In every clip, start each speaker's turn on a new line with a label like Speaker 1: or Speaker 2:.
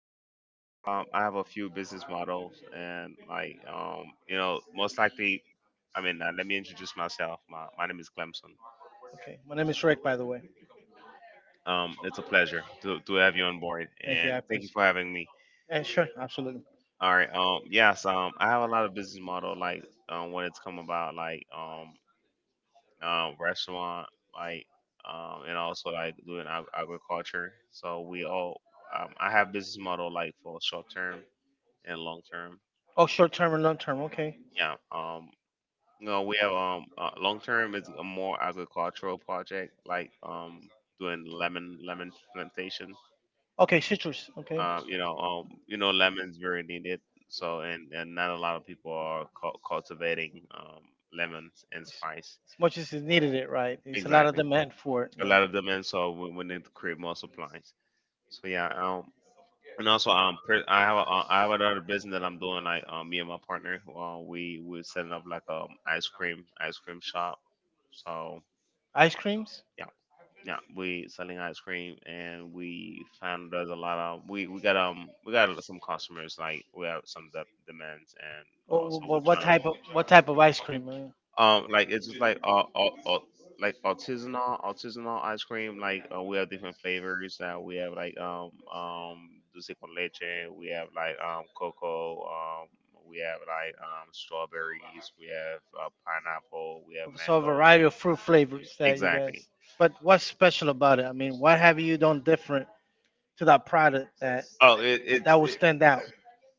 Speaker 1: I have a few business models, and like most likely, I mean, let me introduce myself. My name is Clemson.
Speaker 2: Okay, my name is Rick, by the way.
Speaker 1: It's a pleasure to have you on board,
Speaker 2: Thank you, I
Speaker 1: and
Speaker 2: And
Speaker 1: thank you
Speaker 2: appreciate.
Speaker 1: for having me.
Speaker 2: Yeah, sure, absolutely.
Speaker 1: All right. Yes. I have a lot of business model, like when it's come about, like restaurant, like and also like doing agriculture. So we all, I have business model like for short term and long term.
Speaker 2: Oh, short term and long term. Okay,
Speaker 1: Yeah. No, we have long term is a more agricultural project like doing lemon plantation.
Speaker 2: okay, citrus. Okay,
Speaker 1: Lemons very needed. So and not a lot of people are cultivating lemons and
Speaker 2: as
Speaker 1: spice.
Speaker 2: as much as is needed, it right? It's a lot of,
Speaker 1: Exactly,
Speaker 2: exactly, demand for it.
Speaker 1: a
Speaker 2: Yeah.
Speaker 1: lot of demand. So we need to create more supplies. So yeah. And also, I have another business that I'm doing. Like, me and my partner, we're setting up like ice cream shop. So
Speaker 2: Ice creams?
Speaker 1: yeah, we selling ice cream, and we found there's a lot of we got we got some customers like we have some demands, and
Speaker 2: Oh,
Speaker 1: also
Speaker 2: wh-
Speaker 1: we're
Speaker 2: wh- what
Speaker 1: trying
Speaker 2: type of what type of ice cream?
Speaker 1: like it's just uh like artisanal ice cream like we have different flavors that we have like dulce con leche, we have like cocoa, we have like strawberries, we have pineapple, we have
Speaker 2: So a mango.
Speaker 1: mango,
Speaker 2: Variety of fruit flavors that you
Speaker 1: exactly.
Speaker 2: guys. But what's special about it? I mean, what have you done different to that product, that
Speaker 1: Oh, it, it's
Speaker 2: that will stand out.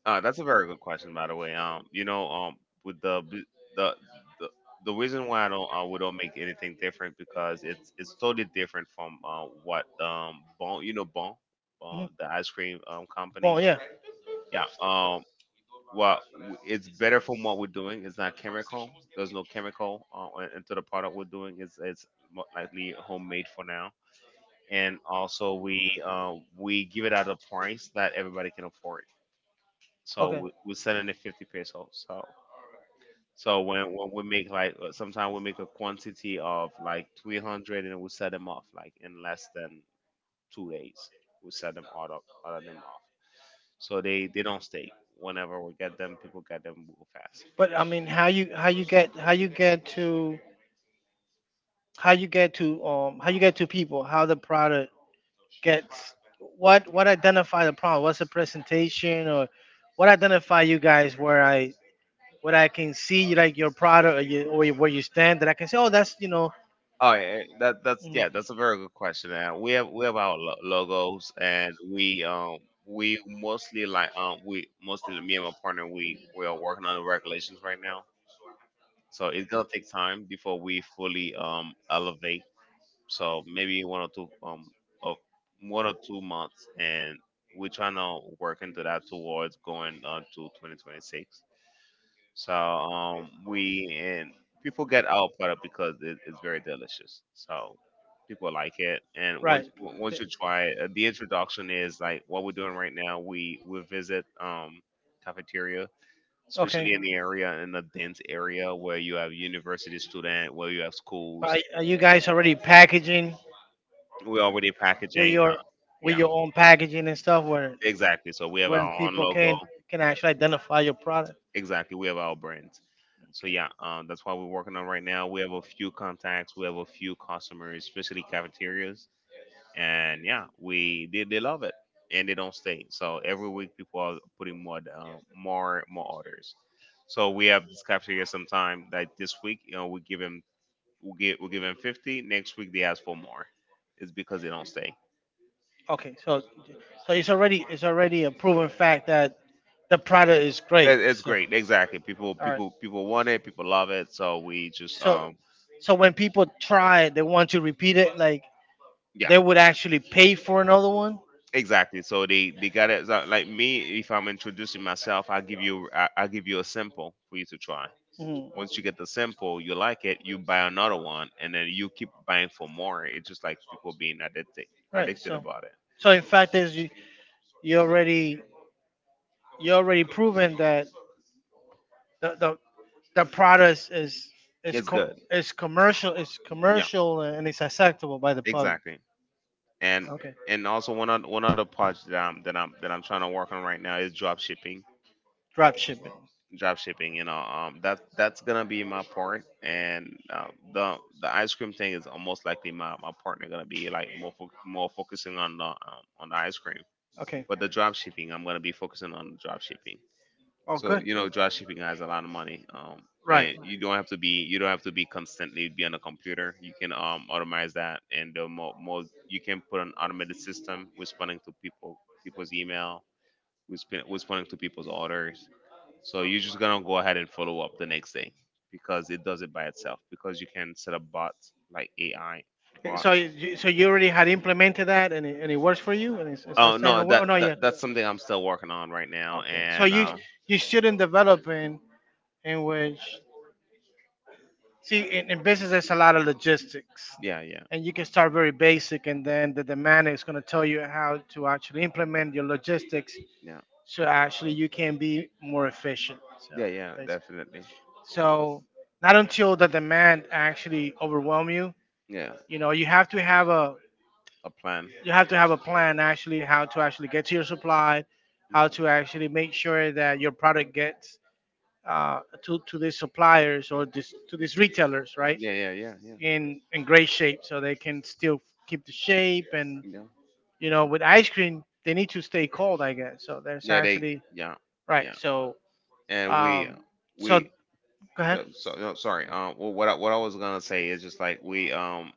Speaker 1: That's a very good question, by the way. With the the, the reason why I don't we don't make anything different because it's totally different from what Bon you know Bon, the ice cream
Speaker 2: Well,
Speaker 1: company.
Speaker 2: yeah,
Speaker 1: Yeah. Well, it's better from what we're doing. It's not chemical. There's no chemical into the product we're doing. It's more likely homemade for now, and also we give it at a price that everybody can afford. So
Speaker 2: okay.
Speaker 1: we're selling it 50 pesos. So when we make like sometimes we make a quantity of like 300 and we sell them off like in less than 2 days. We sell them all up, all of them off, so they don't stay. Whenever we get them, people get them real fast.
Speaker 2: But I mean, how you get to how you get to how you get to people, how the product gets what identify the problem, what's the presentation, or what identify you guys, where I what I can see, like your product, or where you stand that I can say, oh, that's.
Speaker 1: Oh yeah,
Speaker 2: Mm.
Speaker 1: that's a very good question, and we have our logos. And we mostly like we mostly, me and my partner, we are working on the regulations right now. So it's gonna take time before we fully elevate. So maybe one or two, of 1 or 2 months, and we're trying to work into that towards going on to 2026. So we and people get our product because it's very delicious. So people like it, and once
Speaker 2: Right.
Speaker 1: once you try it, the introduction is like what we're doing right now.
Speaker 2: Now.
Speaker 1: We visit cafeterias,
Speaker 2: So,
Speaker 1: especially
Speaker 2: okay.
Speaker 1: in the area, in the dense area where you have university student, where you have schools.
Speaker 2: Are you guys already packaging
Speaker 1: We're already
Speaker 2: with
Speaker 1: packaging,
Speaker 2: your, with Yeah,
Speaker 1: yeah,
Speaker 2: your own packaging and stuff,
Speaker 1: exactly, so we have
Speaker 2: where
Speaker 1: our own
Speaker 2: people
Speaker 1: logo.
Speaker 2: can actually identify your product?
Speaker 1: Exactly, we have our brands. So
Speaker 2: So, okay.
Speaker 1: yeah, that's what we're working on right now. We have a few contacts, we have a few customers, especially cafeterias. And yeah, we they love it, and they don't stay. So every week people are putting more orders. So we have this cafeteria sometime that this week, we give them. We'll give him 50. Next week they ask for more. It's because they don't stay.
Speaker 2: Okay, so it's already a proven fact that the product is great.
Speaker 1: It's
Speaker 2: So,
Speaker 1: great, exactly. People
Speaker 2: all right.
Speaker 1: people people want it. People love it. So we just,
Speaker 2: So- so when people try it, they want to repeat it. Like,
Speaker 1: yeah.
Speaker 2: would actually pay for another one.
Speaker 1: Exactly. So they got it. Like me, if I'm introducing myself, I give you a sample for you to try. Once you get the sample, you like it, you buy another one, and then you keep buying for more. It's just like people being addicted
Speaker 2: It.
Speaker 1: addicted about it.
Speaker 2: So in fact, you already you already proven that the the, the product is
Speaker 1: It's good.
Speaker 2: commercial, is Yeah,
Speaker 1: Yeah.
Speaker 2: commercial, and it's acceptable by the.
Speaker 1: Exactly. and and also, one other part that I'm trying to work on right now is drop shipping.
Speaker 2: Drop shipping.
Speaker 1: Drop shipping, that's gonna be my part, and the ice cream thing is almost likely my partner gonna be like more focusing on the ice cream,
Speaker 2: Okay.
Speaker 1: but the drop shipping I'm gonna be focusing on the drop shipping.
Speaker 2: Oh,
Speaker 1: So
Speaker 2: good.
Speaker 1: you know, dry shipping has a lot of money.
Speaker 2: Right.
Speaker 1: Then you don't have to be constantly be on a computer. You can automate that, and the more, more you can put an automated system responding to people's email, responding to people's orders. So you're just gonna go ahead and follow up the next day, because it does it by itself, because you can set up bots like AI
Speaker 2: Okay,
Speaker 1: bot.
Speaker 2: so you already had implemented that, and it works for you, and it's
Speaker 1: Oh
Speaker 2: starting
Speaker 1: no,
Speaker 2: to work.
Speaker 1: that,
Speaker 2: Oh, not yet.
Speaker 1: that that's something I'm still working on right now,
Speaker 2: Okay. So
Speaker 1: and
Speaker 2: and you, you shouldn't develop in, which, see, in business there's a lot of logistics,
Speaker 1: yeah, yeah.
Speaker 2: and you can start very basic, and then the demand is going to tell you how to actually implement your logistics,
Speaker 1: Yeah.
Speaker 2: so actually you can be more efficient. So
Speaker 1: Yeah, yeah,
Speaker 2: basically,
Speaker 1: definitely.
Speaker 2: so not until the demand actually overwhelm you.
Speaker 1: Yeah.
Speaker 2: You know, you have to have a
Speaker 1: A plan.
Speaker 2: you have to have a plan, actually, how to actually get to your supply, how to actually make sure that your product gets, to these suppliers, or this to these retailers, right?
Speaker 1: Yeah, yeah, yeah, yeah.
Speaker 2: In great shape, so they can still keep the shape, and
Speaker 1: Yeah.
Speaker 2: you know with ice cream they need to stay cold, I guess. So there's
Speaker 1: Yeah, they.
Speaker 2: actually
Speaker 1: Yeah,
Speaker 2: right.
Speaker 1: yeah.
Speaker 2: So,
Speaker 1: And we, uh,
Speaker 2: um, so
Speaker 1: we.
Speaker 2: go ahead.
Speaker 1: So, no, sorry. Well, what I was gonna say is just like we um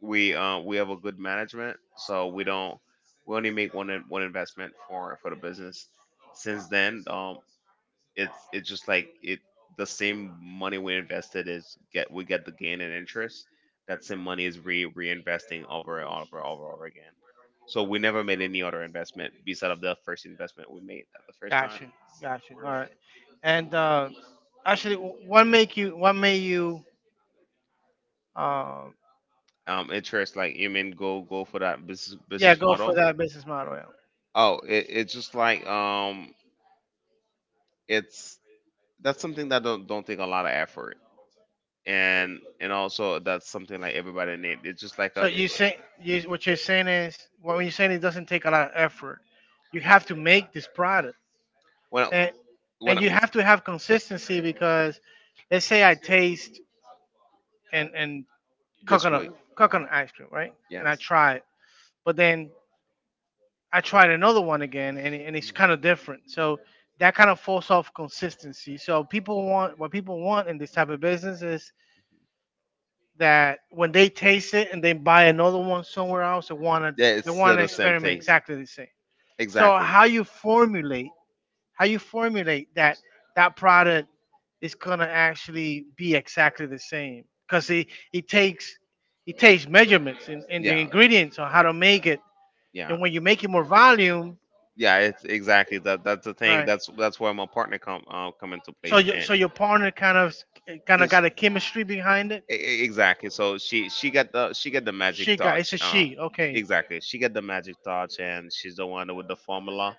Speaker 1: we uh, we have a good management, so we don't we only make one investment for the business. Since then, it's just like it the same money we invested, is get we get the gain and interest. That same money is re reinvesting over and over and over and over again. So we never made any other investment beside of the first investment we made the first time.
Speaker 2: Gotcha. Gotcha. All right. And actually, what make you? What made you? Uh,
Speaker 1: Interest, like you mean go for that business
Speaker 2: yeah,
Speaker 1: business
Speaker 2: go for
Speaker 1: model.
Speaker 2: that business model. Yeah.
Speaker 1: Oh, it's just like it's that's something that don't take a lot of effort, and also that's something like everybody need. It's just like a
Speaker 2: What you're saying is what you're saying. it doesn't take a lot of effort. You have to make this product,
Speaker 1: when I-
Speaker 2: and
Speaker 1: when
Speaker 2: and
Speaker 1: I-
Speaker 2: you have to have consistency, because let's say I taste, and
Speaker 1: this
Speaker 2: coconut
Speaker 1: way. Mhm.
Speaker 2: coconut ice cream, right? And I
Speaker 1: Yes.
Speaker 2: tried, but then I tried another one again, and it's kind of different. So that kind of falls off consistency. So people want, what people want in this type of business is that when they taste it and they buy another one somewhere else, they want to,
Speaker 1: Yeah,
Speaker 2: Yeah, they
Speaker 1: it's
Speaker 2: it's want to,
Speaker 1: still
Speaker 2: the
Speaker 1: the same
Speaker 2: experiment thing,
Speaker 1: taste.
Speaker 2: exactly the same. So,
Speaker 1: Exactly.
Speaker 2: exactly. How you formulate that product is gonna actually be exactly the same, because it takes measurements, and the
Speaker 1: Yeah.
Speaker 2: ingredients on how to make it,
Speaker 1: Yeah.
Speaker 2: and when you make it more volume,
Speaker 1: Yeah, it's exactly that. That's the thing.
Speaker 2: right.
Speaker 1: That's where my partner come, come into
Speaker 2: so
Speaker 1: place.
Speaker 2: your
Speaker 1: And.
Speaker 2: so your partner kind of
Speaker 1: this-
Speaker 2: got a
Speaker 1: e-
Speaker 2: chemistry behind it.
Speaker 1: exactly. So she got the
Speaker 2: She
Speaker 1: magic
Speaker 2: got, it's
Speaker 1: touch.
Speaker 2: a she. Okay.
Speaker 1: Exactly. She got the magic touch, and she's the one with the formula.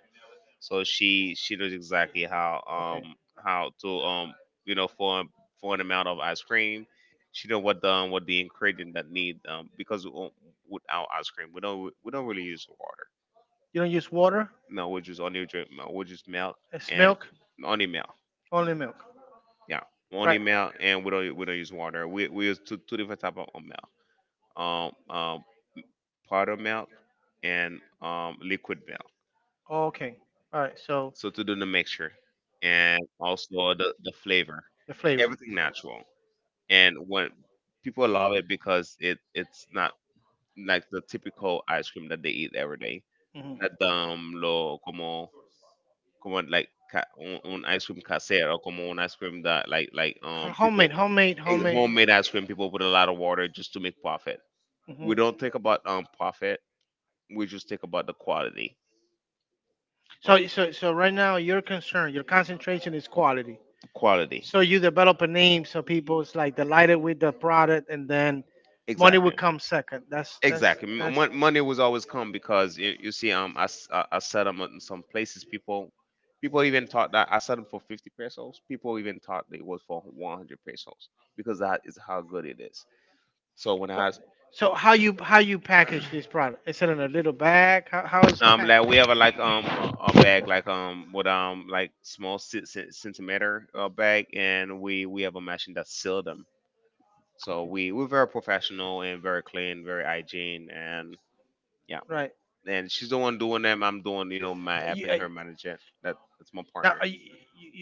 Speaker 1: So she knows exactly how,
Speaker 2: Okay,
Speaker 1: how to, for an amount of ice cream. She know what the, what the ingredient that need, because without ice cream we don't really use water.
Speaker 2: you don't use water.
Speaker 1: No, we just only drink, we just milk
Speaker 2: It's, and
Speaker 1: and
Speaker 2: milk,
Speaker 1: only milk.
Speaker 2: only milk,
Speaker 1: Yeah, only
Speaker 2: right.
Speaker 1: milk, and we don't use water. We use two different type of milk. um, um, Powder milk, and liquid milk.
Speaker 2: Okay. All right. So,
Speaker 1: So to do the mixture, and also the flavor,
Speaker 2: the flavor.
Speaker 1: everything natural. And when people love it, because it's not like the typical ice cream that they eat every day.
Speaker 2: Hmm.
Speaker 1: Not lo como like un ice cream casero, como un ice cream that people,
Speaker 2: Homemade, homemade, homemade.
Speaker 1: homemade ice cream, people put a lot of water just to make profit.
Speaker 2: Well.
Speaker 1: We don't think
Speaker 2: Hmm.
Speaker 1: about profit. We just think about the quality. Uh,
Speaker 2: So, right now, your concern, your concentration is quality.
Speaker 1: Quality.
Speaker 2: So you develop a name, so people is like delighted with the product, and then money would
Speaker 1: Exactly.
Speaker 2: exactly come second. That's that's
Speaker 1: Exactly.
Speaker 2: that's.
Speaker 1: Money was always come, because you see, I set them in some places. People even thought that I set them for 50 pesos. People even thought it was for 100 pesos, because that is how good it is. So when
Speaker 2: But so, how you
Speaker 1: I,
Speaker 2: package this product? Is it in a little bag? How is packed?
Speaker 1: like we have a like, a bag like, with, like small centimeter, bag, and we have a machine that seal them. So we're very professional and very clean, very hygiene, and yeah. And she's the one doing them. I'm
Speaker 2: Right.
Speaker 1: doing, my
Speaker 2: You,
Speaker 1: helping her manage it. That's my
Speaker 2: now,
Speaker 1: partner.
Speaker 2: y-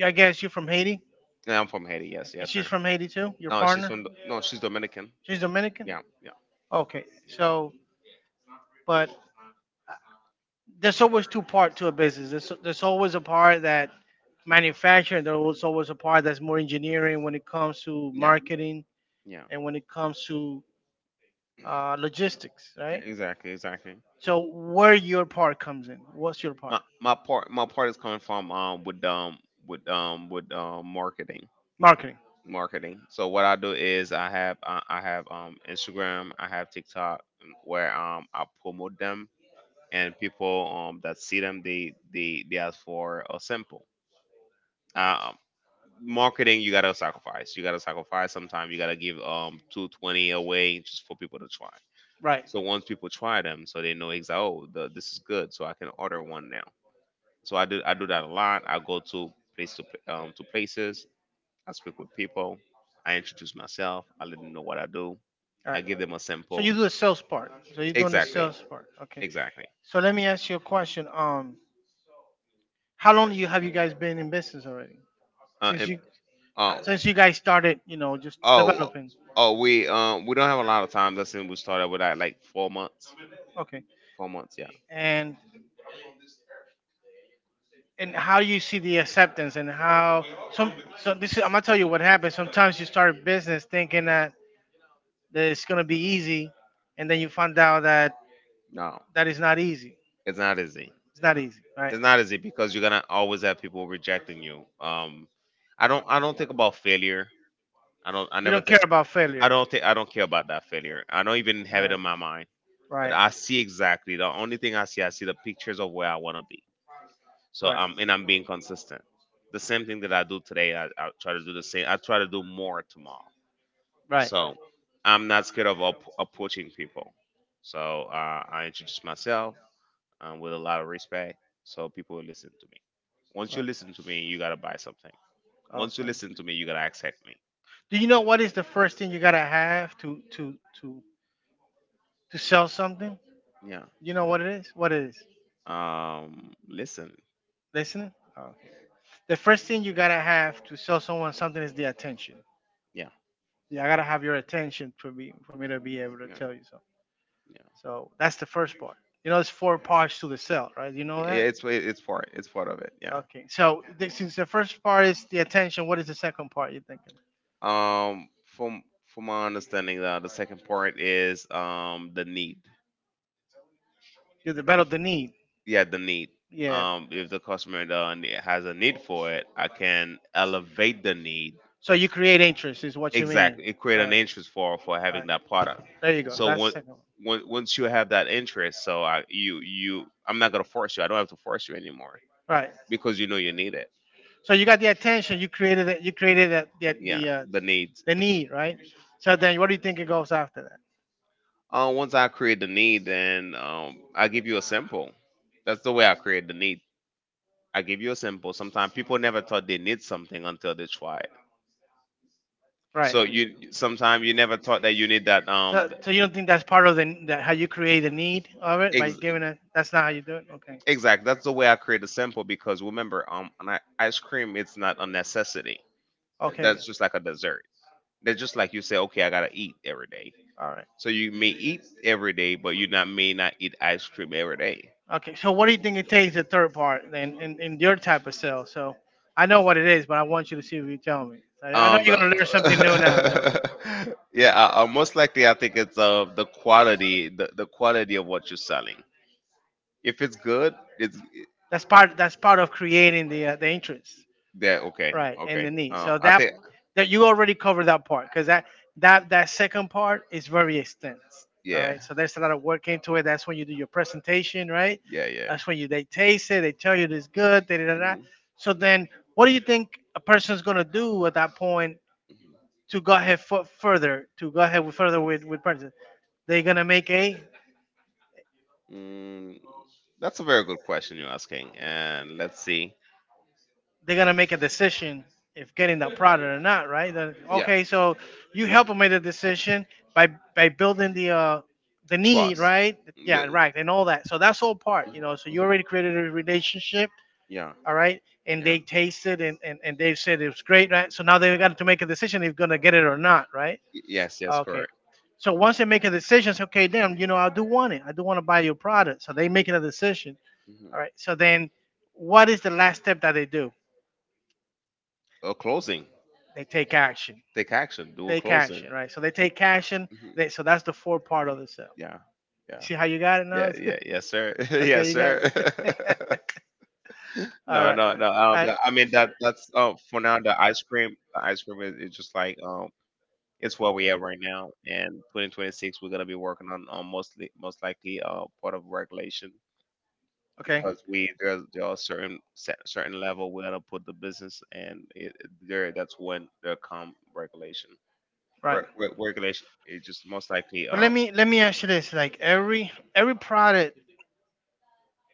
Speaker 2: y- I guess you're from Haiti,
Speaker 1: And I'm from Haiti. Yes,
Speaker 2: and
Speaker 1: yes,
Speaker 2: she's
Speaker 1: sir.
Speaker 2: from Haiti too. Your
Speaker 1: No, she's
Speaker 2: partner,
Speaker 1: from no, she's Dominican.
Speaker 2: she's Dominican.
Speaker 1: Yeah, yeah,
Speaker 2: Okay,
Speaker 1: yeah,
Speaker 2: so, but there's always two part to a business. There's always a part that manufacturing. There's always a part that's more engineering when it comes to
Speaker 1: yeah,
Speaker 2: marketing,
Speaker 1: yeah.
Speaker 2: and when it comes to, logistics,
Speaker 1: Yeah,
Speaker 2: right?
Speaker 1: exactly, exactly.
Speaker 2: So where your part comes in? What's your
Speaker 1: My
Speaker 2: part?
Speaker 1: my part my part is coming from with marketing.
Speaker 2: Marketing.
Speaker 1: Marketing. So what I do is, I have Instagram, I have TikTok, where I promote them, and people that see them, they ask for a sample. Uh, Um Marketing, you gotta sacrifice. You gotta sacrifice, sometimes you gotta give 220 away just for people to try.
Speaker 2: Right.
Speaker 1: So once people try them, so they know exactly, oh this is good, so I can order one now. So I do that a lot. I go to places. I speak with people. I introduce myself. I let them know what I do.
Speaker 2: All
Speaker 1: I
Speaker 2: right. Right.
Speaker 1: give them a
Speaker 2: So
Speaker 1: sample.
Speaker 2: you do the sales part. So you're doing the
Speaker 1: Exactly.
Speaker 2: sales part. Okay.
Speaker 1: Exactly.
Speaker 2: So let me ask you a question. How long you guys been in business already? Since
Speaker 1: And
Speaker 2: you
Speaker 1: uh,
Speaker 2: since you guys started, you know, just
Speaker 1: oh,
Speaker 2: developing.
Speaker 1: oh, we don't have a lot of time. That's when we started with that like 4 months.
Speaker 2: Okay.
Speaker 1: 4 months, yeah.
Speaker 2: And and how do you see the acceptance, and how some so this is, I'm gonna tell you what happens. Sometimes you start a business thinking, that it's gonna be easy, and then you find out that
Speaker 1: No,
Speaker 2: that is not easy.
Speaker 1: it's not easy.
Speaker 2: It's not easy, right?
Speaker 1: It's not easy because you're gonna always have people rejecting you. I don't think about failure. I don't I
Speaker 2: You
Speaker 1: never
Speaker 2: don't care
Speaker 1: think
Speaker 2: about, I failure,
Speaker 1: I don't think
Speaker 2: I
Speaker 1: I don't care about that failure. I don't even have it in my mind.
Speaker 2: mind, right?
Speaker 1: I see exactly. The only thing I see the pictures of where I want to be. So
Speaker 2: Right.
Speaker 1: I'm being consistent. The same thing that I do today, I try to do the same. I try to do more tomorrow.
Speaker 2: Right.
Speaker 1: So I'm not scared of approaching people. So I introduce myself with a lot of respect, so people will listen to me.
Speaker 2: Right.
Speaker 1: Once you listen to me,
Speaker 2: Right.
Speaker 1: you gotta buy something. Once you
Speaker 2: Okay.
Speaker 1: listen to
Speaker 2: Okay.
Speaker 1: me, you gotta accept me.
Speaker 2: Do you know what is the first thing you gotta have to sell something?
Speaker 1: Yeah.
Speaker 2: You know what it is? What it is?
Speaker 1: Listen.
Speaker 2: Listening. Oh, okay. The first thing you gotta have to sell someone something is the attention.
Speaker 1: Yeah.
Speaker 2: Yeah, I gotta have your attention, to be for me to be able to
Speaker 1: Yeah.
Speaker 2: tell you something.
Speaker 1: Yeah.
Speaker 2: So that's the first part. You know, there's four parts to the cell, right? You know
Speaker 1: Yeah.
Speaker 2: that?
Speaker 1: It's part of it. Yeah.
Speaker 2: Okay. So, since the first part is the attention, what is the second part you're thinking?
Speaker 1: From my understanding, the second part is the need.
Speaker 2: You develop the need.
Speaker 1: Yeah, the need.
Speaker 2: Yeah.
Speaker 1: If the customer has a need for it, I can elevate the need.
Speaker 2: So you create interest, is what you mean.
Speaker 1: Exactly, it
Speaker 2: All
Speaker 1: create an
Speaker 2: Alright. All
Speaker 1: interest for having
Speaker 2: Alright.
Speaker 1: that product.
Speaker 2: There you go. So
Speaker 1: So
Speaker 2: that's the second one.
Speaker 1: once you have that interest, so I'm not gonna force you. I don't have to force you anymore
Speaker 2: Right.
Speaker 1: because you know you need it.
Speaker 2: So you got the attention. You created it. You created that, the the
Speaker 1: Yeah,
Speaker 2: the, uh,
Speaker 1: the
Speaker 2: the
Speaker 1: needs.
Speaker 2: the
Speaker 1: Hmm.
Speaker 2: need, right? So then, what do you think it goes after that?
Speaker 1: Once I create the need, then I give you a sample. That's the way I create the need. I give you a sample. Sometimes people never thought they need something until they try it.
Speaker 2: Right.
Speaker 1: So you sometimes you never thought that you need
Speaker 2: So,
Speaker 1: that.
Speaker 2: so so you don't think that's part of, the how you create the need of it, by
Speaker 1: Ex-
Speaker 2: giving it? That's not how you do it. Okay.
Speaker 1: exact. That's the way I create a sample because remember, ice cream it's not a necessity.
Speaker 2: Okay.
Speaker 1: That's just like a dessert. That's just like you say, okay, I gotta eat every day.
Speaker 2: All right.
Speaker 1: So you may eat every day, but you not may not eat ice cream every day.
Speaker 2: Okay. So, what do you think it takes the third part then, in your type of sale? So, I know what it is, but I want you to see if you tell me. I know, you're
Speaker 1: But
Speaker 2: gonna learn something new now, Toby.
Speaker 1: yeah, most likely I think it's the quality, the quality of what you're selling. If it's good, it's
Speaker 2: That's part. That's part of creating, the interest,
Speaker 1: yeah, okay,
Speaker 2: right, and the
Speaker 1: okay.
Speaker 2: need. So, Um,
Speaker 1: I
Speaker 2: that
Speaker 1: think
Speaker 2: that you already covered that part, because that second part is very extensive. All Yeah,
Speaker 1: yeah,
Speaker 2: right, so there's a lot of work into it. That's when you do your presentation, right?
Speaker 1: yeah,
Speaker 2: Yeah,
Speaker 1: yeah.
Speaker 2: that's when you they taste it. They tell you it's good. Da, da, da, da.
Speaker 1: Mhm.
Speaker 2: So then, what do you think a person's gonna do at that point, to go ahead further? To go ahead with, further, with purchase? They're gonna make a
Speaker 1: Mm, that's a very good question you're asking, and let's see.
Speaker 2: they're gonna make a decision if getting that product or not, right? Then,
Speaker 1: Yeah,
Speaker 2: okay, so you help them make the decision by, building the need,
Speaker 1: trust.
Speaker 2: right? Yeah,
Speaker 1: The-
Speaker 2: right, and all that. So that's all part. So you
Speaker 1: mhm.
Speaker 2: already created a relationship,
Speaker 1: Yeah,
Speaker 2: all right, and
Speaker 1: yeah.
Speaker 2: they tasted, and they said it was great, right? So now they got to make a decision if they're gonna get it or not, right?
Speaker 1: Yes, yes,
Speaker 2: Okay.
Speaker 1: correct.
Speaker 2: So once they make a decision, say, okay, damn, you know, I do want it. I do want to buy your product. So they making a decision.
Speaker 1: Mhm.
Speaker 2: All right. So then, what is the last step that they do?
Speaker 1: A closing.
Speaker 2: They take action.
Speaker 1: Take action. Do a
Speaker 2: Take
Speaker 1: closing.
Speaker 2: action, right? So they take action.
Speaker 1: Mhm.
Speaker 2: So that's the four part of the cell.
Speaker 1: Yeah,
Speaker 2: Yeah. You
Speaker 1: yeah,
Speaker 2: see how you got it now?
Speaker 1: yeah, yeah. Yes, sir.
Speaker 2: Okay,
Speaker 1: yes,
Speaker 2: yes, you
Speaker 1: sir.
Speaker 2: got- All no,
Speaker 1: no,
Speaker 2: Right.
Speaker 1: no, no. Yeah, I mean
Speaker 2: I-
Speaker 1: that. That's for now. The ice cream is, just like. It's where we at right now, and 2026 we're gonna be working on, mostly most likely part of regulation
Speaker 2: Cream. Okay.
Speaker 1: because we there's there are certain level we gotta put the business and it- there that's when there come regulation.
Speaker 2: Right.
Speaker 1: Regulation is just most likely
Speaker 2: But let me ask you this: like, every product,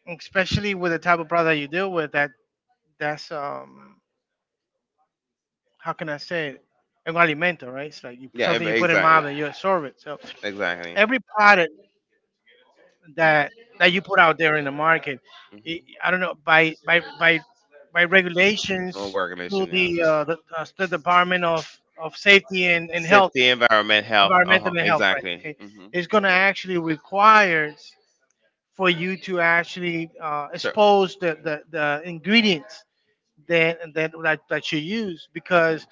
Speaker 2: especially with the type of product you deal with, that that's how can I say it? Un alimento, right? It's like,
Speaker 1: yeah
Speaker 2: something you put in
Speaker 1: exactly
Speaker 2: mouth, and you absorb it. So, exactly.
Speaker 1: exactly.
Speaker 2: Every product that that you put out there in the market. I
Speaker 1: Hmm.
Speaker 2: I don't know by
Speaker 1: Oh,
Speaker 2: regulations, to
Speaker 1: regulation yeah.
Speaker 2: the Department of Safety and Health,
Speaker 1: Safety, environment, health. Uh
Speaker 2: Environmental
Speaker 1: huh.
Speaker 2: and Health, right?
Speaker 1: Exactly.
Speaker 2: Okay,
Speaker 1: Mm-hmm.
Speaker 2: it's going to actually require for you to actually,
Speaker 1: So.
Speaker 2: expose the ingredients that you use, because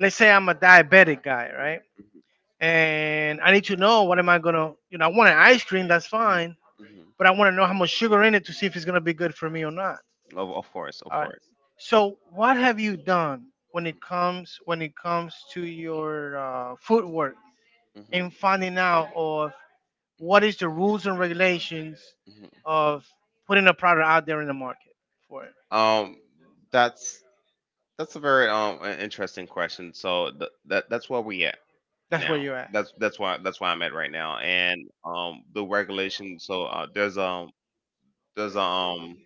Speaker 2: let's say I'm a diabetic guy, right? And I need to know what am I gonna, I want an ice cream, that's fine,
Speaker 1: Hmm.
Speaker 2: but I want to know how much sugar in it to see if it's gonna be good for me or not.
Speaker 1: Of course, of
Speaker 2: All right.
Speaker 1: course.
Speaker 2: So what have you done when it comes to your footwork
Speaker 1: Hmm.
Speaker 2: and finding out of what is the rules and regulations
Speaker 1: Mhm.
Speaker 2: of putting a product out there in the market for it?
Speaker 1: Um, that's that's a very interesting question. So that that's where we at
Speaker 2: That's where
Speaker 1: now.
Speaker 2: you're at. That's that's why I'm
Speaker 1: That's why I'm at right
Speaker 2: right
Speaker 1: now.
Speaker 2: now.
Speaker 1: And the regulation. So there's um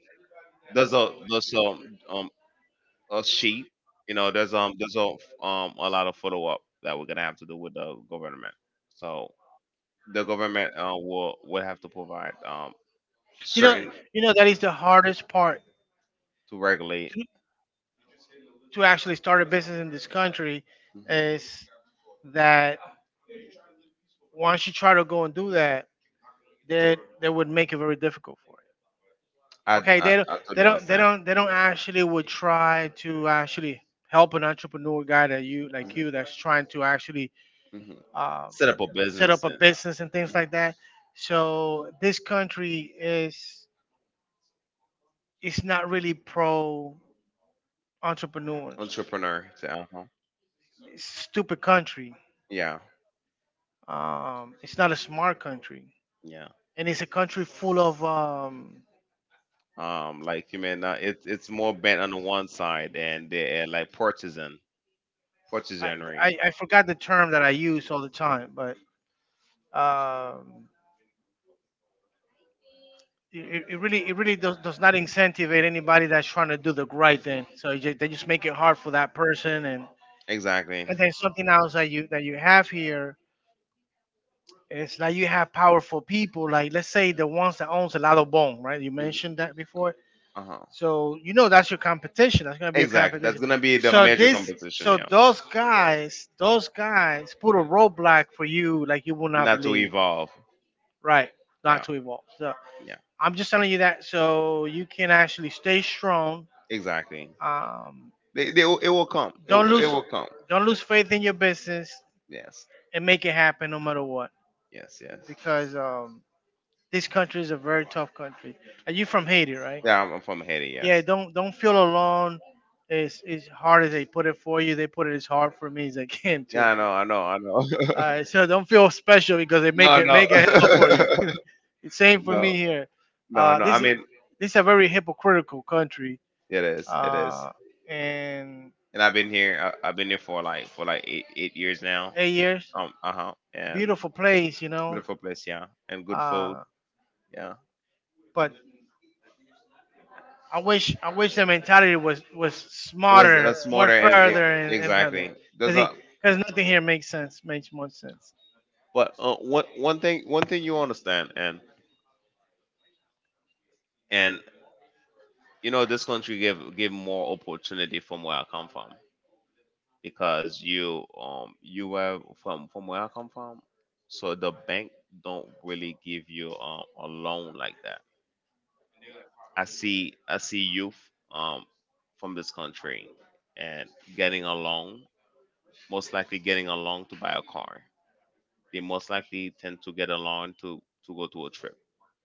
Speaker 1: there's a sheet. You know, there's a lot of follow up that we're gonna have to do with the government. So the government will have to provide
Speaker 2: You know,
Speaker 1: certain
Speaker 2: Struggling. You know, that is the hardest part
Speaker 1: to regulate.
Speaker 2: to actually start a business in this country
Speaker 1: Okay.
Speaker 2: is that once you try to go and do that, that would make it very difficult for you. Okay, they
Speaker 1: I
Speaker 2: don't, they
Speaker 1: totally
Speaker 2: don't, they understand.
Speaker 1: understand.
Speaker 2: Don't, they don't actually would try to actually help an entrepreneur guy that you
Speaker 1: Mhm.
Speaker 2: like you that's trying to actually
Speaker 1: Mhm.
Speaker 2: um,
Speaker 1: Set
Speaker 2: set
Speaker 1: up a business,
Speaker 2: up a business and things like that. So this country is it's not really pro entrepreneurs.
Speaker 1: entrepreneur.
Speaker 2: It's a stupid country.
Speaker 1: Yeah,
Speaker 2: It's not a smart country,
Speaker 1: yeah.
Speaker 2: and it's a country full of
Speaker 1: Like you mean, it's more bent on the one side, and they are like
Speaker 2: I,
Speaker 1: partisanry.
Speaker 2: I forgot the term that I use all the time, but um, it really does not incentivize anybody that's trying to do the right thing. So you, ju- they just make it hard for that person.
Speaker 1: Exactly.
Speaker 2: And then something else that you have here is that you have powerful people. Like let's say the ones that owns a lot of bone, right? You
Speaker 1: Mhm.
Speaker 2: mentioned that before.
Speaker 1: Uh-huh.
Speaker 2: So you know that's your competition. That's gonna be your
Speaker 1: Exactly. That's
Speaker 2: competition.
Speaker 1: gonna be the
Speaker 2: So
Speaker 1: major
Speaker 2: this
Speaker 1: competition.
Speaker 2: so
Speaker 1: Yeah.
Speaker 2: those guys put a roadblock for you like you will not
Speaker 1: Not to
Speaker 2: believe.
Speaker 1: evolve.
Speaker 2: Right. Not.
Speaker 1: Yeah.
Speaker 2: Yeah, to evolve. So
Speaker 1: Yeah.
Speaker 2: I'm just telling you that so you can actually stay strong.
Speaker 1: Exactly.
Speaker 2: Um,
Speaker 1: They it will come.
Speaker 2: don't
Speaker 1: It
Speaker 2: lose
Speaker 1: will come.
Speaker 2: don't lose faith in your business
Speaker 1: Yes.
Speaker 2: and make it happen no matter what
Speaker 1: Yes. Yes.
Speaker 2: because this country is a very tough country. Are you from Haiti, right? From,
Speaker 1: Yeah, I'm from Haiti.
Speaker 2: yeah,
Speaker 1: Yes.
Speaker 2: don't feel alone. It's hard as they put it for you. They put it as hard for me as they can, yeah, too.
Speaker 1: Yeah,
Speaker 2: I
Speaker 1: I
Speaker 2: know.
Speaker 1: know. I know. I know.
Speaker 2: All right, so don't feel special because they
Speaker 1: no, no.
Speaker 2: make it hell for you. It's same for
Speaker 1: no,
Speaker 2: me here.
Speaker 1: no, no. I
Speaker 2: This is
Speaker 1: mean,
Speaker 2: this is a very hypocritical country.
Speaker 1: it is. It is.
Speaker 2: Uh, and
Speaker 1: And I've been here. I've been here for like eight eight years now.
Speaker 2: 8 years,
Speaker 1: Uh huh. And
Speaker 2: beautiful place, you know.
Speaker 1: beautiful place. Yeah. And
Speaker 2: Beautiful place.
Speaker 1: good food. Yeah.
Speaker 2: But I wish the mentality was that's
Speaker 1: It was
Speaker 2: smarter, more
Speaker 1: smarter and it,
Speaker 2: further. Exactly, and further.
Speaker 1: exactly.
Speaker 2: Cause,
Speaker 1: There's
Speaker 2: he,
Speaker 1: a
Speaker 2: cause nothing here makes sense, makes much sense.
Speaker 1: but one thing you understand and you know this country give more opportunity from where I come from, because you you were from where I come from, so the bank don't really give you a loan like that. I see youth um from this country and getting a loan, most likely getting a loan to buy a car. They most likely tend to get a loan to go to a trip,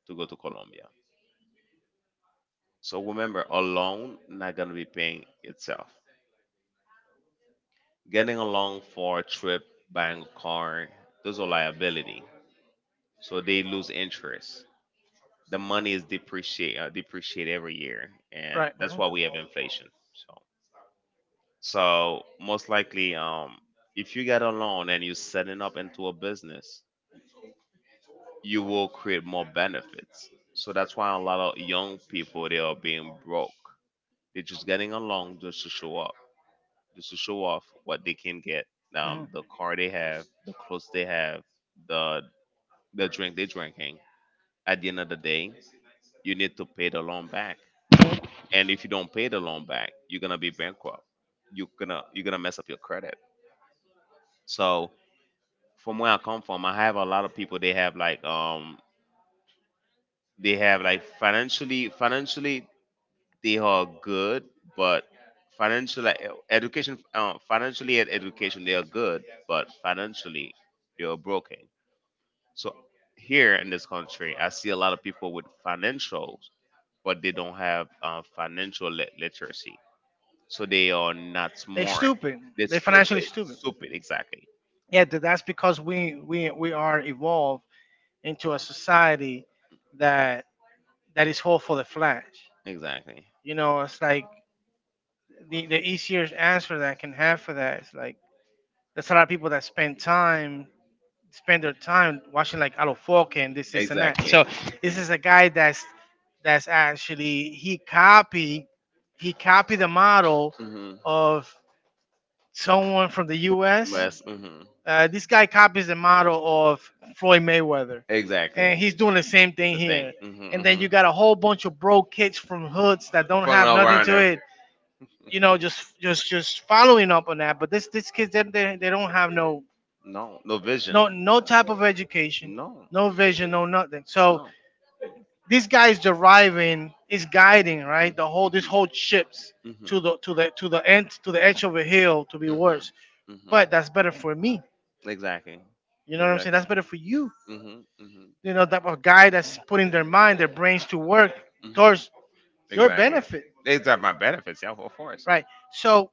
Speaker 1: to go to Colombia. So remember, a loan not gonna be paying itself. Getting a loan for a trip, buying a car, those are liability, so they lose interest. The money is depreciate every year, and
Speaker 2: Right.
Speaker 1: that's
Speaker 2: Mhm.
Speaker 1: why we have inflation. So, so most likely, if you get a loan and you're setting up into a business, you will create more benefits. So that's why a lot of young people they are being broke. They're just getting a loan just to show up, just to show off what they can get,
Speaker 2: Hmm.
Speaker 1: the car they have, the clothes they have, the the drink they're drinking. At the end of the day, you need to pay the loan back, and if you don't pay the loan back you're gonna be bankrupt. You're gonna mess up your credit. So from where I come from I have a lot of people they have like financially they are good, but financial e- education financially and education they are good but financially they are broken. So here in this country I see a lot of people with financials, but they don't have literacy, so they are not
Speaker 2: They're
Speaker 1: smart.
Speaker 2: stupid. They're
Speaker 1: They're
Speaker 2: They're financially
Speaker 1: stupid.
Speaker 2: stupid.
Speaker 1: Stupid, exactly,
Speaker 2: Yeah, th- that's because we are evolved into a society that that is whole for the flash.
Speaker 1: exactly,
Speaker 2: You know, it's like the easiest answer that I can have for that is like there's a lot of people that spend time spend their time watching like Alofoque and this, and that.
Speaker 1: exactly.
Speaker 2: Exactly. So this is a guy that's actually he copied the model
Speaker 1: Mm-hmm.
Speaker 2: of someone from the
Speaker 1: West,
Speaker 2: U.S.
Speaker 1: hmm
Speaker 2: This guy copies the model of Floyd Mayweather, and
Speaker 1: exactly.
Speaker 2: he's doing the same thing
Speaker 1: The thing.
Speaker 2: here.
Speaker 1: Mm-hmm,
Speaker 2: And then you got a
Speaker 1: hmm.
Speaker 2: whole bunch of bro kids from hoods that don't
Speaker 1: Fucking
Speaker 2: have
Speaker 1: all
Speaker 2: nothing
Speaker 1: around
Speaker 2: to
Speaker 1: them.
Speaker 2: it, you know, just following up on that. But this kids they they don't have no
Speaker 1: No, no vision.
Speaker 2: no no type of education,
Speaker 1: No.
Speaker 2: no vision, no nothing. So
Speaker 1: No.
Speaker 2: this guy is deriving, is guiding, right? The whole this
Speaker 1: Mm-hmm.
Speaker 2: whole ships to
Speaker 1: Mm-hmm.
Speaker 2: the to the to the end to the edge of a hill to be worse.
Speaker 1: Mm-hmm. Mm-hmm.
Speaker 2: But that's better for me.
Speaker 1: Exactly.
Speaker 2: You know what I'm saying?
Speaker 1: Exactly.
Speaker 2: That's better for you.
Speaker 1: Hmm. Hmm.
Speaker 2: You know that a guy that's putting their mind, their brains to work
Speaker 1: Hmm.
Speaker 2: towards your
Speaker 1: Exactly.
Speaker 2: benefit,
Speaker 1: These are my benefits, yeah, of course.
Speaker 2: right? So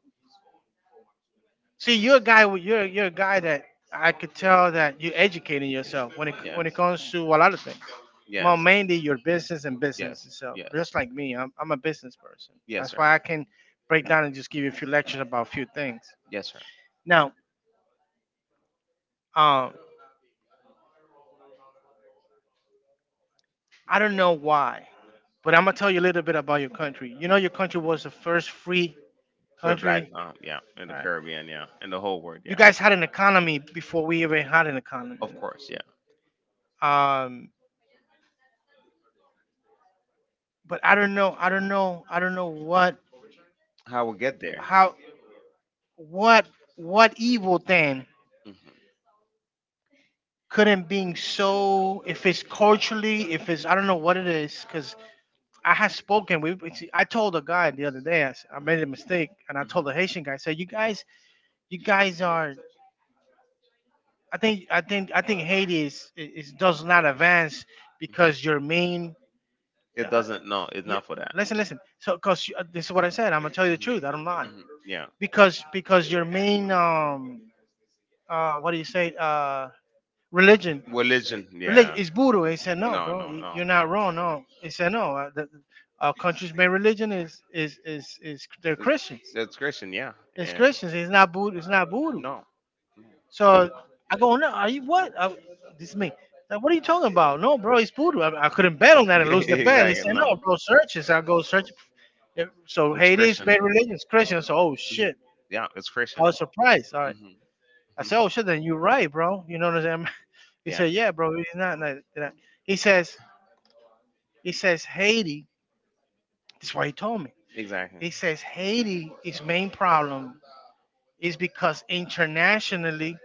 Speaker 2: see, you're a guy with- you're a guy that I could tell that you're educating yourself when it
Speaker 1: Yes.
Speaker 2: comes to a lot of things. Well,
Speaker 1: Yes.
Speaker 2: mainly your business and business
Speaker 1: Yes.
Speaker 2: itself.
Speaker 1: Yes.
Speaker 2: Just like me, I'm a business person.
Speaker 1: Yes,
Speaker 2: That's
Speaker 1: sir.
Speaker 2: why I can break down and just give you a few lectures about a few things.
Speaker 1: Yes, sir.
Speaker 2: Now, um, I don't know why, but I'm gonna tell you a little bit about your country. You know, your country was the first free
Speaker 1: For black,
Speaker 2: country.
Speaker 1: yeah, in
Speaker 2: All
Speaker 1: the
Speaker 2: right.
Speaker 1: Caribbean, yeah, in the whole world,
Speaker 2: You
Speaker 1: yeah.
Speaker 2: guys had an economy before we even had an economy.
Speaker 1: Of course. Yeah.
Speaker 2: Um, but I don't know. I don't know. I don't know what.
Speaker 1: How we get there?
Speaker 2: How what what evil thing
Speaker 1: Hmm.
Speaker 2: couldn't being so if it's culturally if it's I don't know what it is because I had spoken we I told a guy the other day s- I made a mistake and I told the
Speaker 1: Hmm.
Speaker 2: Haitian guy I said you guys are I think Haiti is does not advance
Speaker 1: Hmm.
Speaker 2: because your main
Speaker 1: It
Speaker 2: uh,
Speaker 1: doesn't. No, it's
Speaker 2: you,
Speaker 1: not for that.
Speaker 2: listen so because this is what I said, I'm gonna tell you the truth, I don't
Speaker 1: Hmm.
Speaker 2: lie
Speaker 1: Hmm. Yeah,
Speaker 2: because your main uh, what do you say, uh, religion.
Speaker 1: religion.
Speaker 2: Religion
Speaker 1: Yeah.
Speaker 2: is voodoo. He said, no, no,
Speaker 1: No,
Speaker 2: bro,
Speaker 1: no,
Speaker 2: y-
Speaker 1: no,
Speaker 2: you're not
Speaker 1: no.
Speaker 2: wrong. No, he said, no. The, our country's main religion is they're Christians.
Speaker 1: It's Christian, yeah.
Speaker 2: It's
Speaker 1: And
Speaker 2: Christians. It's not voodoo. It's not voodoo.
Speaker 1: no.
Speaker 2: So I go, no, are you what? This is me. Like,
Speaker 1: No.
Speaker 2: what are you talking about? No, bro, it's voodoo. I couldn't bet on that and lose the bet. He said,
Speaker 1: exactly, no.
Speaker 2: no, bro, search it. So I go search it. So
Speaker 1: It's
Speaker 2: Haiti's
Speaker 1: Christian.
Speaker 2: main religion is Christian. So oh
Speaker 1: Mhm.
Speaker 2: shit.
Speaker 1: Yeah, it's
Speaker 2: Yeah, I
Speaker 1: Christian.
Speaker 2: was surprised. All right.
Speaker 1: Hmm.
Speaker 2: I said, oh shit, then you're right, bro. You know what I'm saying? He. Yeah,
Speaker 1: Yeah,
Speaker 2: said, "Yeah, bro, he's not." Not not. He says, "He says Haiti." That's why he told me.
Speaker 1: exactly.
Speaker 2: He says Haiti is main problem is because internationally,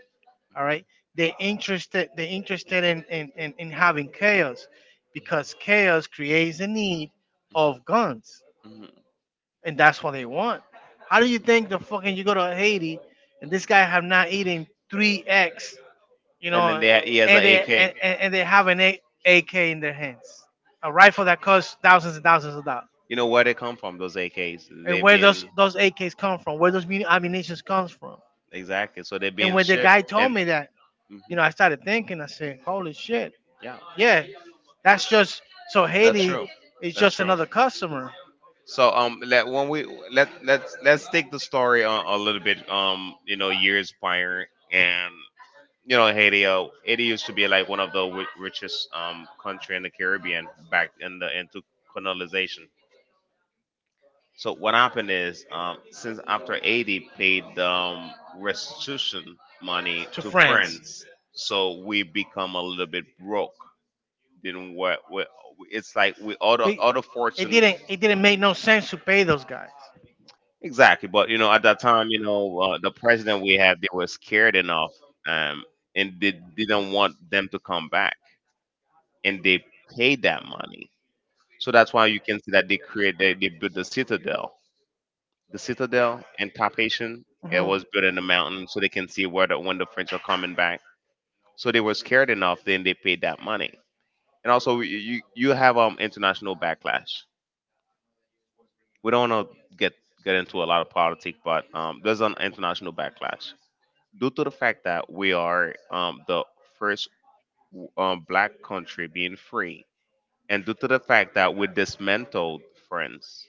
Speaker 2: all right, they interested in in having chaos because chaos creates a need of guns,
Speaker 1: Hmm. Hmm.
Speaker 2: and that's what they want. How do you think the fucking you go to Haiti and this guy have not eaten 3 eggs, you
Speaker 1: And then
Speaker 2: know,
Speaker 1: he has an
Speaker 2: and they
Speaker 1: AK.
Speaker 2: and, and they have an A- AK in their hands, a rifle that costs thousands and thousands of dollars.
Speaker 1: You know where they come from? Those AKs.
Speaker 2: And
Speaker 1: They've
Speaker 2: where
Speaker 1: been.
Speaker 2: those AKs come from, where those muni- ammunitions comes from.
Speaker 1: Exactly. So they're
Speaker 2: And
Speaker 1: being
Speaker 2: when the guy
Speaker 1: shipped,
Speaker 2: told
Speaker 1: and
Speaker 2: me that, you
Speaker 1: mhm,
Speaker 2: know, I started thinking. I said, "Holy shit,
Speaker 1: yeah,
Speaker 2: yeah, that's just so that's
Speaker 1: that's
Speaker 2: Haiti is
Speaker 1: true.
Speaker 2: that's
Speaker 1: That's
Speaker 2: just true.
Speaker 1: true.
Speaker 2: Another customer."
Speaker 1: So let's take the story a little bit you know, years prior, and you know, Haiti used to be like one of the richest country in the Caribbean back in the into colonization. So what happened is since after Haiti paid restitution money
Speaker 2: To
Speaker 1: to
Speaker 2: France.
Speaker 1: France, so we become a little bit broke. What it's like with all the
Speaker 2: Be-
Speaker 1: other
Speaker 2: it
Speaker 1: fortune
Speaker 2: didn't. It didn't make no sense to pay those guys.
Speaker 1: exactly. But you know at that time you know the president we had they were scared enough um, and they didn't want them to come back, and they paid that money. So that's why you can see that they built the citadel, the
Speaker 2: And
Speaker 1: citadel and
Speaker 2: that.
Speaker 1: Carpathian. It
Speaker 2: Mhm, was
Speaker 1: was
Speaker 2: in
Speaker 1: built in the
Speaker 2: the mountain
Speaker 1: mountain so they can see where the when
Speaker 2: range
Speaker 1: the French are
Speaker 2: of
Speaker 1: coming
Speaker 2: coming back.
Speaker 1: back. So they were scared enough then they paid that money. And also you have international backlash. We don't want to get into a lot of politics, but there's an international backlash due to the fact that we are the first black country being free, and due to the fact that we dismantled France,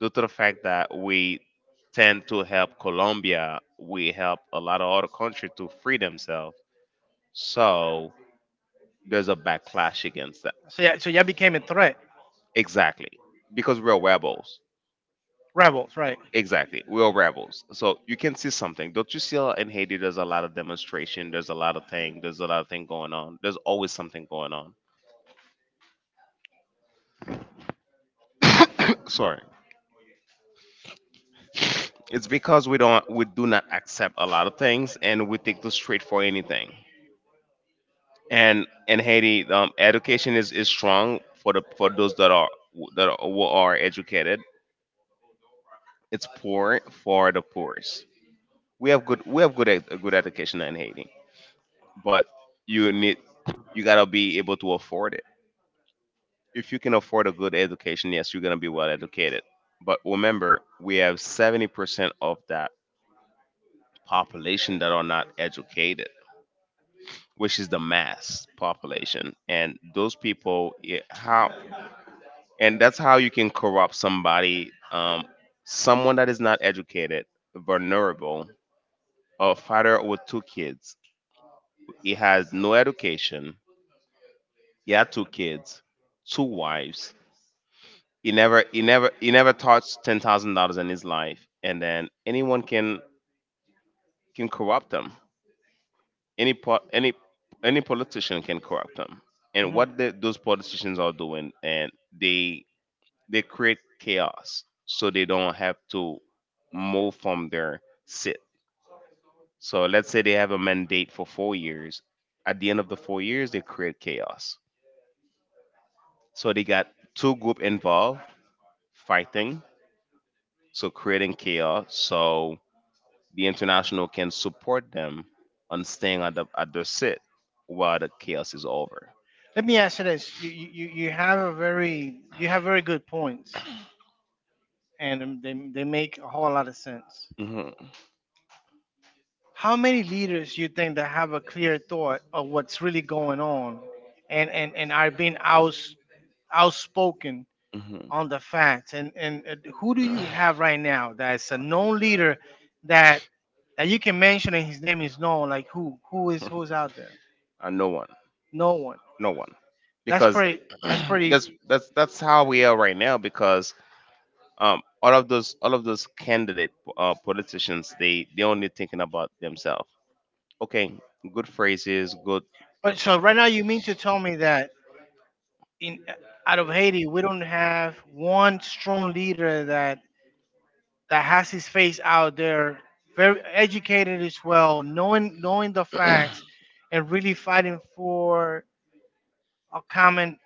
Speaker 1: due to the fact that we tend to help Colombia, we help a lot of other countries to free themselves. So there's a backlash against that.
Speaker 2: So yeah. So y'all became a threat.
Speaker 1: Exactly, because we're rebels.
Speaker 2: Rebels, right?
Speaker 1: Exactly. We're rebels. So you can see something. Don't you see in Haiti there's a lot of demonstration, there's a lot of thing, there's a lot of thing going on. There's always something going on. Sorry. It's because we do not accept a lot of things and we take the straight for anything. And in Haiti, education is strong for the for those who are educated. It's poor for the poorest. We have good education in Haiti, but you need you gotta be able to afford it. If you can afford a good education, yes, you're going to be well educated. But remember, we have 70% of that population that are not educated, which is the mass population. And those people, yeah, how, and that's how you can corrupt somebody, someone that is not educated, vulnerable, a father with two kids. He has no education. He had two kids, two wives. He never touched $10,000 in his life, and then anyone can corrupt them. Any any politician can corrupt them.
Speaker 2: And.
Speaker 1: And
Speaker 2: Mhm,
Speaker 1: what
Speaker 2: what they.
Speaker 1: the, those politicians are doing, and they create chaos so they don't have to move from their sit. So let's say they have a mandate for 4 years. At the end of the 4 years, they create chaos. So they got two group involved fighting, so creating chaos. So the international can support them on staying at their sit while the chaos is over.
Speaker 2: Let me ask you this: you have a very you have very good points, and they make a whole lot of sense.
Speaker 1: Hmm.
Speaker 2: How many leaders you think that have a clear thought of what's really going on, and are being outs outspoken
Speaker 1: Hmm.
Speaker 2: on the facts and, who do you have right now that's a known leader that that you can mention and his name is known like who is who's out there.
Speaker 1: And no one,
Speaker 2: No one.
Speaker 1: no one,
Speaker 2: that's
Speaker 1: because
Speaker 2: pretty that's pretty
Speaker 1: that's how we are right now. Because all of those candidate politicians, they only thinking about themselves. Okay, good phrases, good
Speaker 2: But so right now you mean to tell me that in out of Haiti we don't have one strong leader that that has his face out there, very educated as well, knowing the facts and really fighting for a common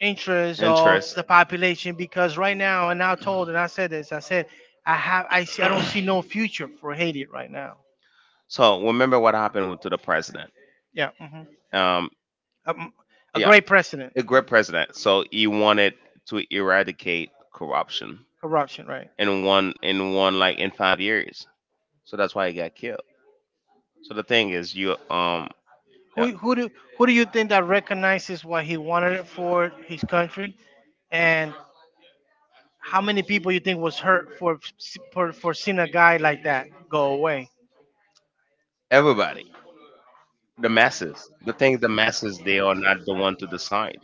Speaker 2: interest of the
Speaker 1: interests.
Speaker 2: Interesting population, because right now and I told and I said this I said I have I see I don't see no future for Haiti right now.
Speaker 1: So remember what happened to the president.
Speaker 2: Yeah. Hmm.
Speaker 1: Um,
Speaker 2: um, a
Speaker 1: yeah,
Speaker 2: great president,
Speaker 1: a great president. So he wanted to eradicate corruption
Speaker 2: corruption, right?
Speaker 1: in one like in 5 years. So that's why he got killed. So the thing is, you yeah,
Speaker 2: Who who do who do you think that recognizes what he wanted it for his country, and how many people you think was hurt for for seeing a guy like that go away?
Speaker 1: everybody, the masses. The masses, they are not the one to decide.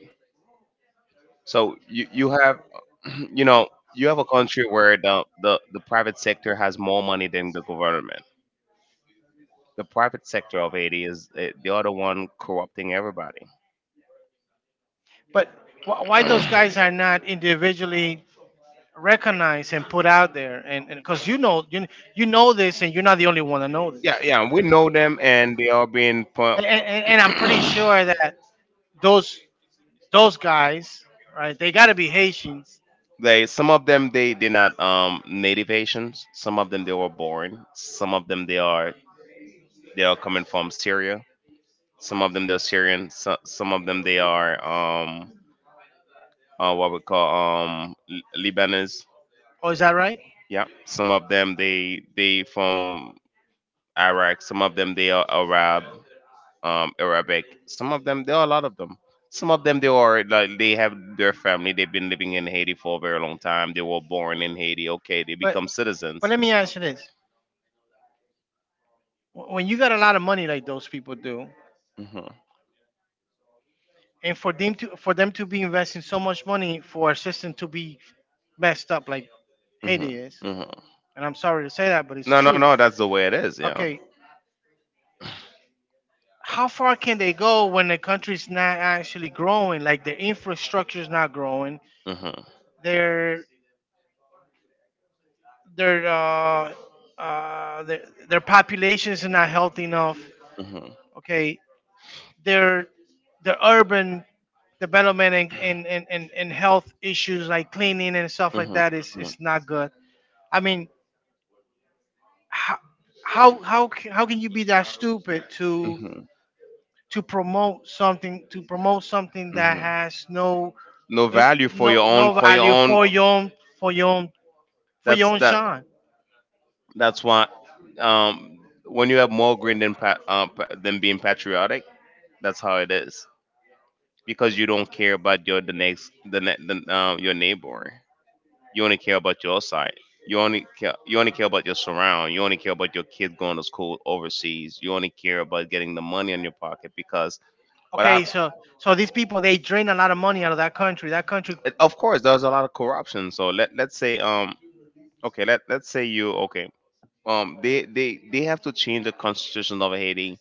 Speaker 1: So you have, you know, you have a country where the private sector has more money than the government. The private sector of Haiti is they are the other one corrupting everybody.
Speaker 2: But wh- why those guys are not individually recognize and put out there and because you know you, you know this and you're not the only one that knows this
Speaker 1: Yeah, yeah, we know them, and they are being. Pu-
Speaker 2: and I'm pretty sure that those those guys, right, they got to be Haitians.
Speaker 1: they some of them they're not native Haitians. Some of them they were born. Some of them they are coming from Syria. Some of them they're Syrian. So, some of them they are what we call Lebanese.
Speaker 2: Oh, is that right?
Speaker 1: Yeah. Some of them they from Iraq. Some of them they are Arab. Arabic. Some of them, there are a lot of them. Some of them, they are like they have their family. They've been living in Haiti for a very long time. They were born in Haiti. Okay, they
Speaker 2: but
Speaker 1: become citizens.
Speaker 2: but let me ask you this: when you got a lot of money like those people do
Speaker 1: Hmm.
Speaker 2: and for them to be investing so much money for a system to be messed up like
Speaker 1: Hmm.
Speaker 2: Haiti is
Speaker 1: Hmm.
Speaker 2: and I'm sorry to say that but it's
Speaker 1: No, no,
Speaker 2: true.
Speaker 1: no. That's the way it is. Yeah.
Speaker 2: Okay, how far can they go when the country's not actually growing? Like their infrastructure's not growing.
Speaker 1: Hmm.
Speaker 2: Their their uh, their their populations are not healthy enough.
Speaker 1: Hmm.
Speaker 2: Okay, their their urban development and and health issues like cleaning and stuff like
Speaker 1: Mhm,
Speaker 2: that is not good. I mean, how how can you be that stupid
Speaker 1: mhm, mhm,
Speaker 2: to promote something that
Speaker 1: mhm.
Speaker 2: has no
Speaker 1: No
Speaker 2: it,
Speaker 1: value for
Speaker 2: no
Speaker 1: your
Speaker 2: no value
Speaker 1: own.
Speaker 2: for your own for your own for
Speaker 1: That's
Speaker 2: your own
Speaker 1: that.
Speaker 2: shine.
Speaker 1: That's why. Um, when you have more green than than being patriotic, that's how it is because you don't care about your the next the, ne- the your neighbor. You only care about your side. You only care about your surround. You only care about your kid going to school overseas. You only care about getting the money in your pocket because what
Speaker 2: Okay,
Speaker 1: I
Speaker 2: wow, so so these people they drain a lot of money out of that country. That country
Speaker 1: of course there's a lot of corruption. So let let's say okay let let's say you okay they have to change the constitution of Haiti.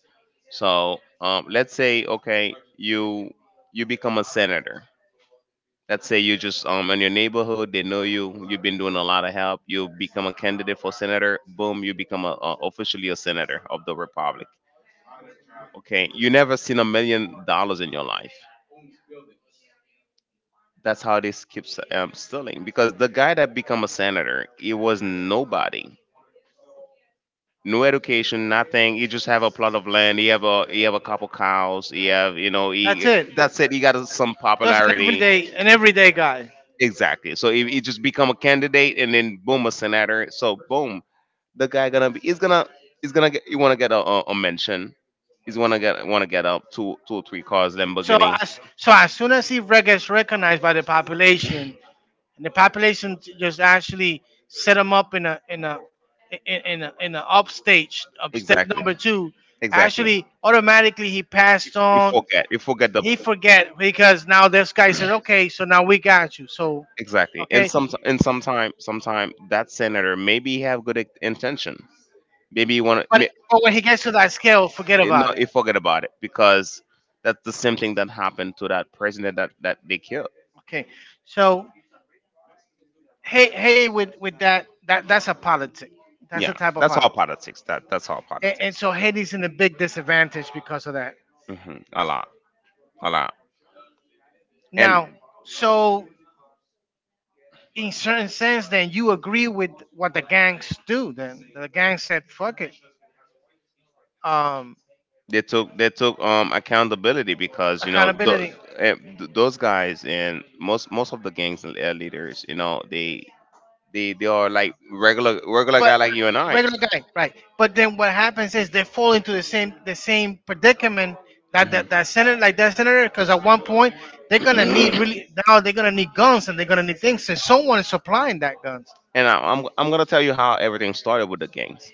Speaker 1: So let's say okay you become a senator. Let's say you just in your neighborhood, they know you. You've been doing a lot of help. You become a candidate for senator. Boom, you become a officially a senator of the republic. Okay, you never seen $1 million in your life. That's how this keeps stealing because the guy that become a senator, he was nobody, no education, nothing. He just have a plot of land. He have a couple cows. He have, you know,
Speaker 2: that's
Speaker 1: he
Speaker 2: it.
Speaker 1: that's it. He got some
Speaker 2: Just
Speaker 1: popularity.
Speaker 2: an everyday guy.
Speaker 1: Exactly. So it just become a candidate and then boom, a senator. So boom, the guy gonna be is gonna get you wanna get a mention. He's wanna get up two or three cars, Lamborghini.
Speaker 2: So as soon as he re- gets recognized by the population, and the population j- just actually set them up in a in a, in a upstage up step
Speaker 1: Exactly.
Speaker 2: number two.
Speaker 1: Exactly.
Speaker 2: Actually, automatically he passed
Speaker 1: You
Speaker 2: on.
Speaker 1: forget. You forget the
Speaker 2: He forget because now this guy says, okay, so now we got you. So
Speaker 1: exactly. And
Speaker 2: okay,
Speaker 1: sometime that senator maybe have good intention. Maybe you wanna
Speaker 2: but,
Speaker 1: may-
Speaker 2: but when he gets to that scale, forget
Speaker 1: Eh, no,
Speaker 2: about it.
Speaker 1: you forget about it because that's the same thing that happened to that president that they killed.
Speaker 2: Okay, so Ha- Haiti with that that that's a politic. That's
Speaker 1: Yeah,
Speaker 2: a type of
Speaker 1: that's all
Speaker 2: politic,
Speaker 1: politics. That that's all
Speaker 2: and
Speaker 1: politics.
Speaker 2: so Haiti's in a big disadvantage because of that.
Speaker 1: Hmm. A lot, and
Speaker 2: Now, so in certain sense, then you agree with what the gangs do. Then the gang said, "Fuck it, um,
Speaker 1: they took accountability because you know
Speaker 2: accountability."
Speaker 1: those guys and most of the gangs and leaders, you know, they are like regular guy
Speaker 2: But
Speaker 1: like you and I.
Speaker 2: regular guy, right? But then what happens is they fall into the same predicament that
Speaker 1: Mhm.
Speaker 2: that, that senator like that senator because at one point they're gonna need really now they're gonna need guns and they're gonna need things and someone is supplying that guns.
Speaker 1: And I'm gonna tell you how everything started with the gangs.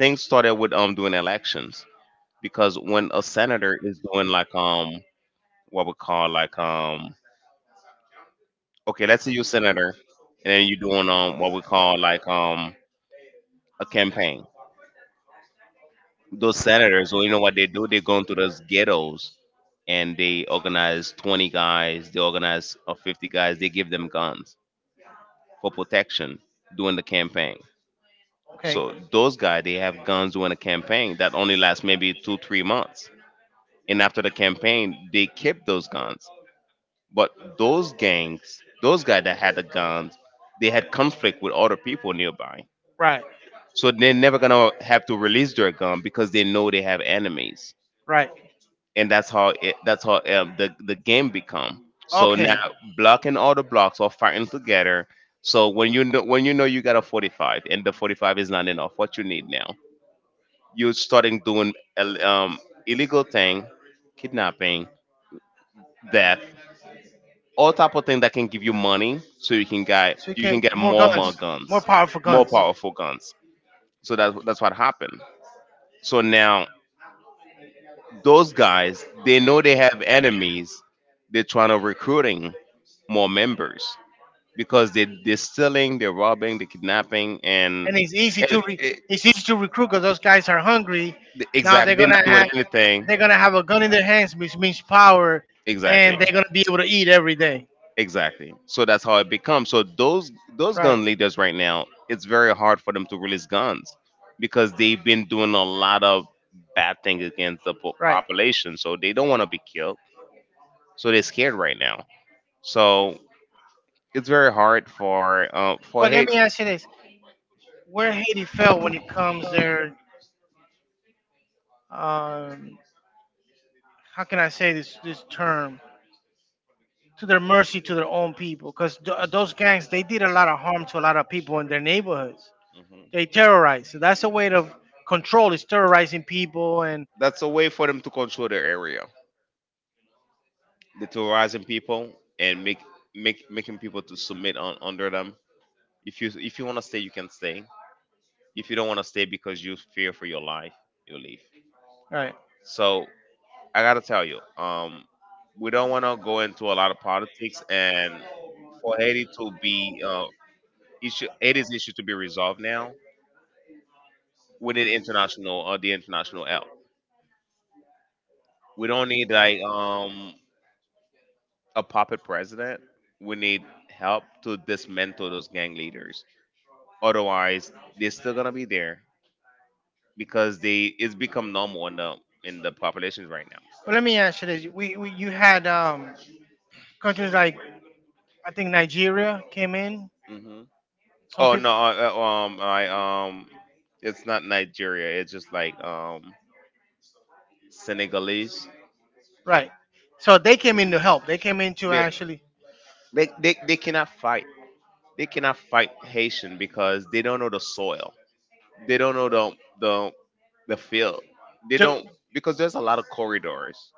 Speaker 1: Things started with doing elections. Because when a senator is doing like what we call like okay let's say you're a senator, and then you're doing what we call like a campaign. Those senators, well, you know what they do, they go into those ghettos and they organize 20 guys, they organize 50 guys, they give them guns for protection during the campaign.
Speaker 2: Okay.
Speaker 1: So those guys they have guns during a campaign that only lasts maybe 2 3 months, and after the campaign they keep those guns. But those gangs, those guys that had the guns, they had conflict with other people nearby.
Speaker 2: Right.
Speaker 1: So they're never gonna have to release their gun because they know they have enemies,
Speaker 2: Right.
Speaker 1: and that's how the game become. So now blocking all the blocks or fighting together. So when you know you got a 45 and the 45 is not enough, what you need now? You're starting doing illegal thing, kidnapping, death. All type of thing that can give you money so you can get more guns, more powerful guns. So that, that's what happened. So now those guys they know they have enemies, they're trying to recruiting more members because they're stealing, they're robbing, they're kidnapping, and
Speaker 2: And it's easy to re-
Speaker 1: it,
Speaker 2: it's easy to recruit because those guys are hungry. Now
Speaker 1: exactly, they're not
Speaker 2: gonna
Speaker 1: doing
Speaker 2: have
Speaker 1: anything.
Speaker 2: they're gonna have a gun in their hands, which means power,
Speaker 1: Exactly.
Speaker 2: and they're gonna be able to eat every day.
Speaker 1: Exactly. So that's how it becomes. So those
Speaker 2: Right,
Speaker 1: gun leaders right now, it's very hard for them to release guns because they've been doing a lot of bad things against the
Speaker 2: right.
Speaker 1: population. So they don't want to be killed. So they're scared right now. So it's very hard for
Speaker 2: But let
Speaker 1: hate.
Speaker 2: me ask you this: where Haiti fell when it comes their um, how can I say this this term to their mercy to their own people because th- those gangs they did a lot of harm to a lot of people in their neighborhoods.
Speaker 1: Mhm.
Speaker 2: They terrorized. So that's a way of control is terrorizing people and
Speaker 1: That's a way for them to control their area, the terrorizing people and make making people to submit on under them. If you want to stay, you can stay. If you don't want to stay because you fear for your life, you leave.
Speaker 2: right.
Speaker 1: So I gotta tell you, we don't want to go into a lot of politics, and for Haiti to be Haiti's issue to be resolved now, we need international the international help. We don't need like a puppet president. We need help to dismantle those gang leaders. Otherwise, they're still gonna be there because they it's become normal in the populations right now.
Speaker 2: But let me ask you this: we you had countries like I think Nigeria came in.
Speaker 1: Mm-hmm.
Speaker 2: Some
Speaker 1: Oh no,
Speaker 2: people
Speaker 1: I um, it's not Nigeria. It's just like Senegalese.
Speaker 2: right. So they came in to help. They came in to
Speaker 1: They,
Speaker 2: actually.
Speaker 1: they cannot fight. They cannot fight Haitian because they don't know the soil. They don't know the the field. They
Speaker 2: To,
Speaker 1: don't, because there's a lot of corridors.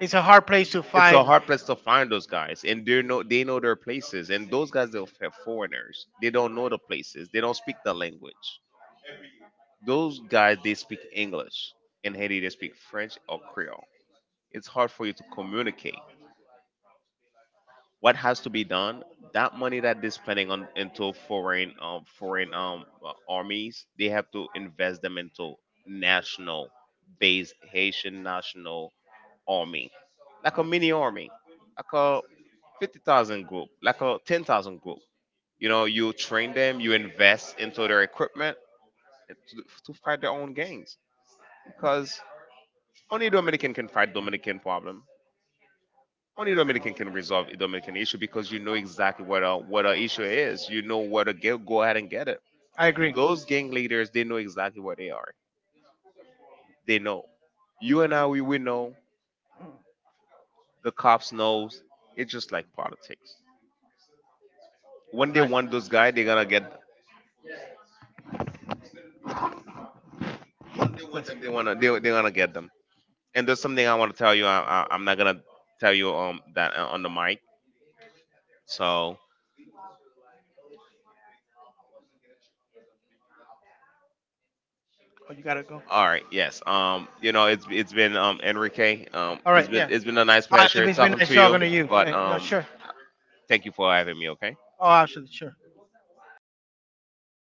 Speaker 2: it's a hard place to it's so
Speaker 1: It's a
Speaker 2: find.
Speaker 1: hard place to find those guys, and they know their places. And those guys they're foreigners. They don't know the places. They don't speak the language. Those guys, they speak English. In Haiti, they speak French or Creole. It's hard for you to communicate. What has to be done? That money that they're spending on into foreign, foreign armies, they have to invest them into national based Haitian national army, like a mini army, like a 50,000 group, like a 10,000 group. You know, you train them, you invest into their equipment to, to fight their own gangs. Because only Dominican can fight Dominican problem. Only Dominican can resolve a Dominican issue because you know exactly what a issue is. You know what to get. Go ahead and get it.
Speaker 2: I agree.
Speaker 1: Those gang leaders, they know exactly what they are. They know. You and I, we know. The cops knows. It's just like politics. When they want those guys, they're
Speaker 2: To,
Speaker 1: gonna get. Want them, they wanna. They're gonna get them. And there's something I want to tell you. I'm not gonna tell you that on the mic. So
Speaker 2: oh, you gotta go.
Speaker 1: all right. Yes. You know, it's been Enrique. It's been a nice pleasure talking to you. But
Speaker 2: Sure.
Speaker 1: thank you for having me. Okay.
Speaker 2: Oh, absolutely. Sure.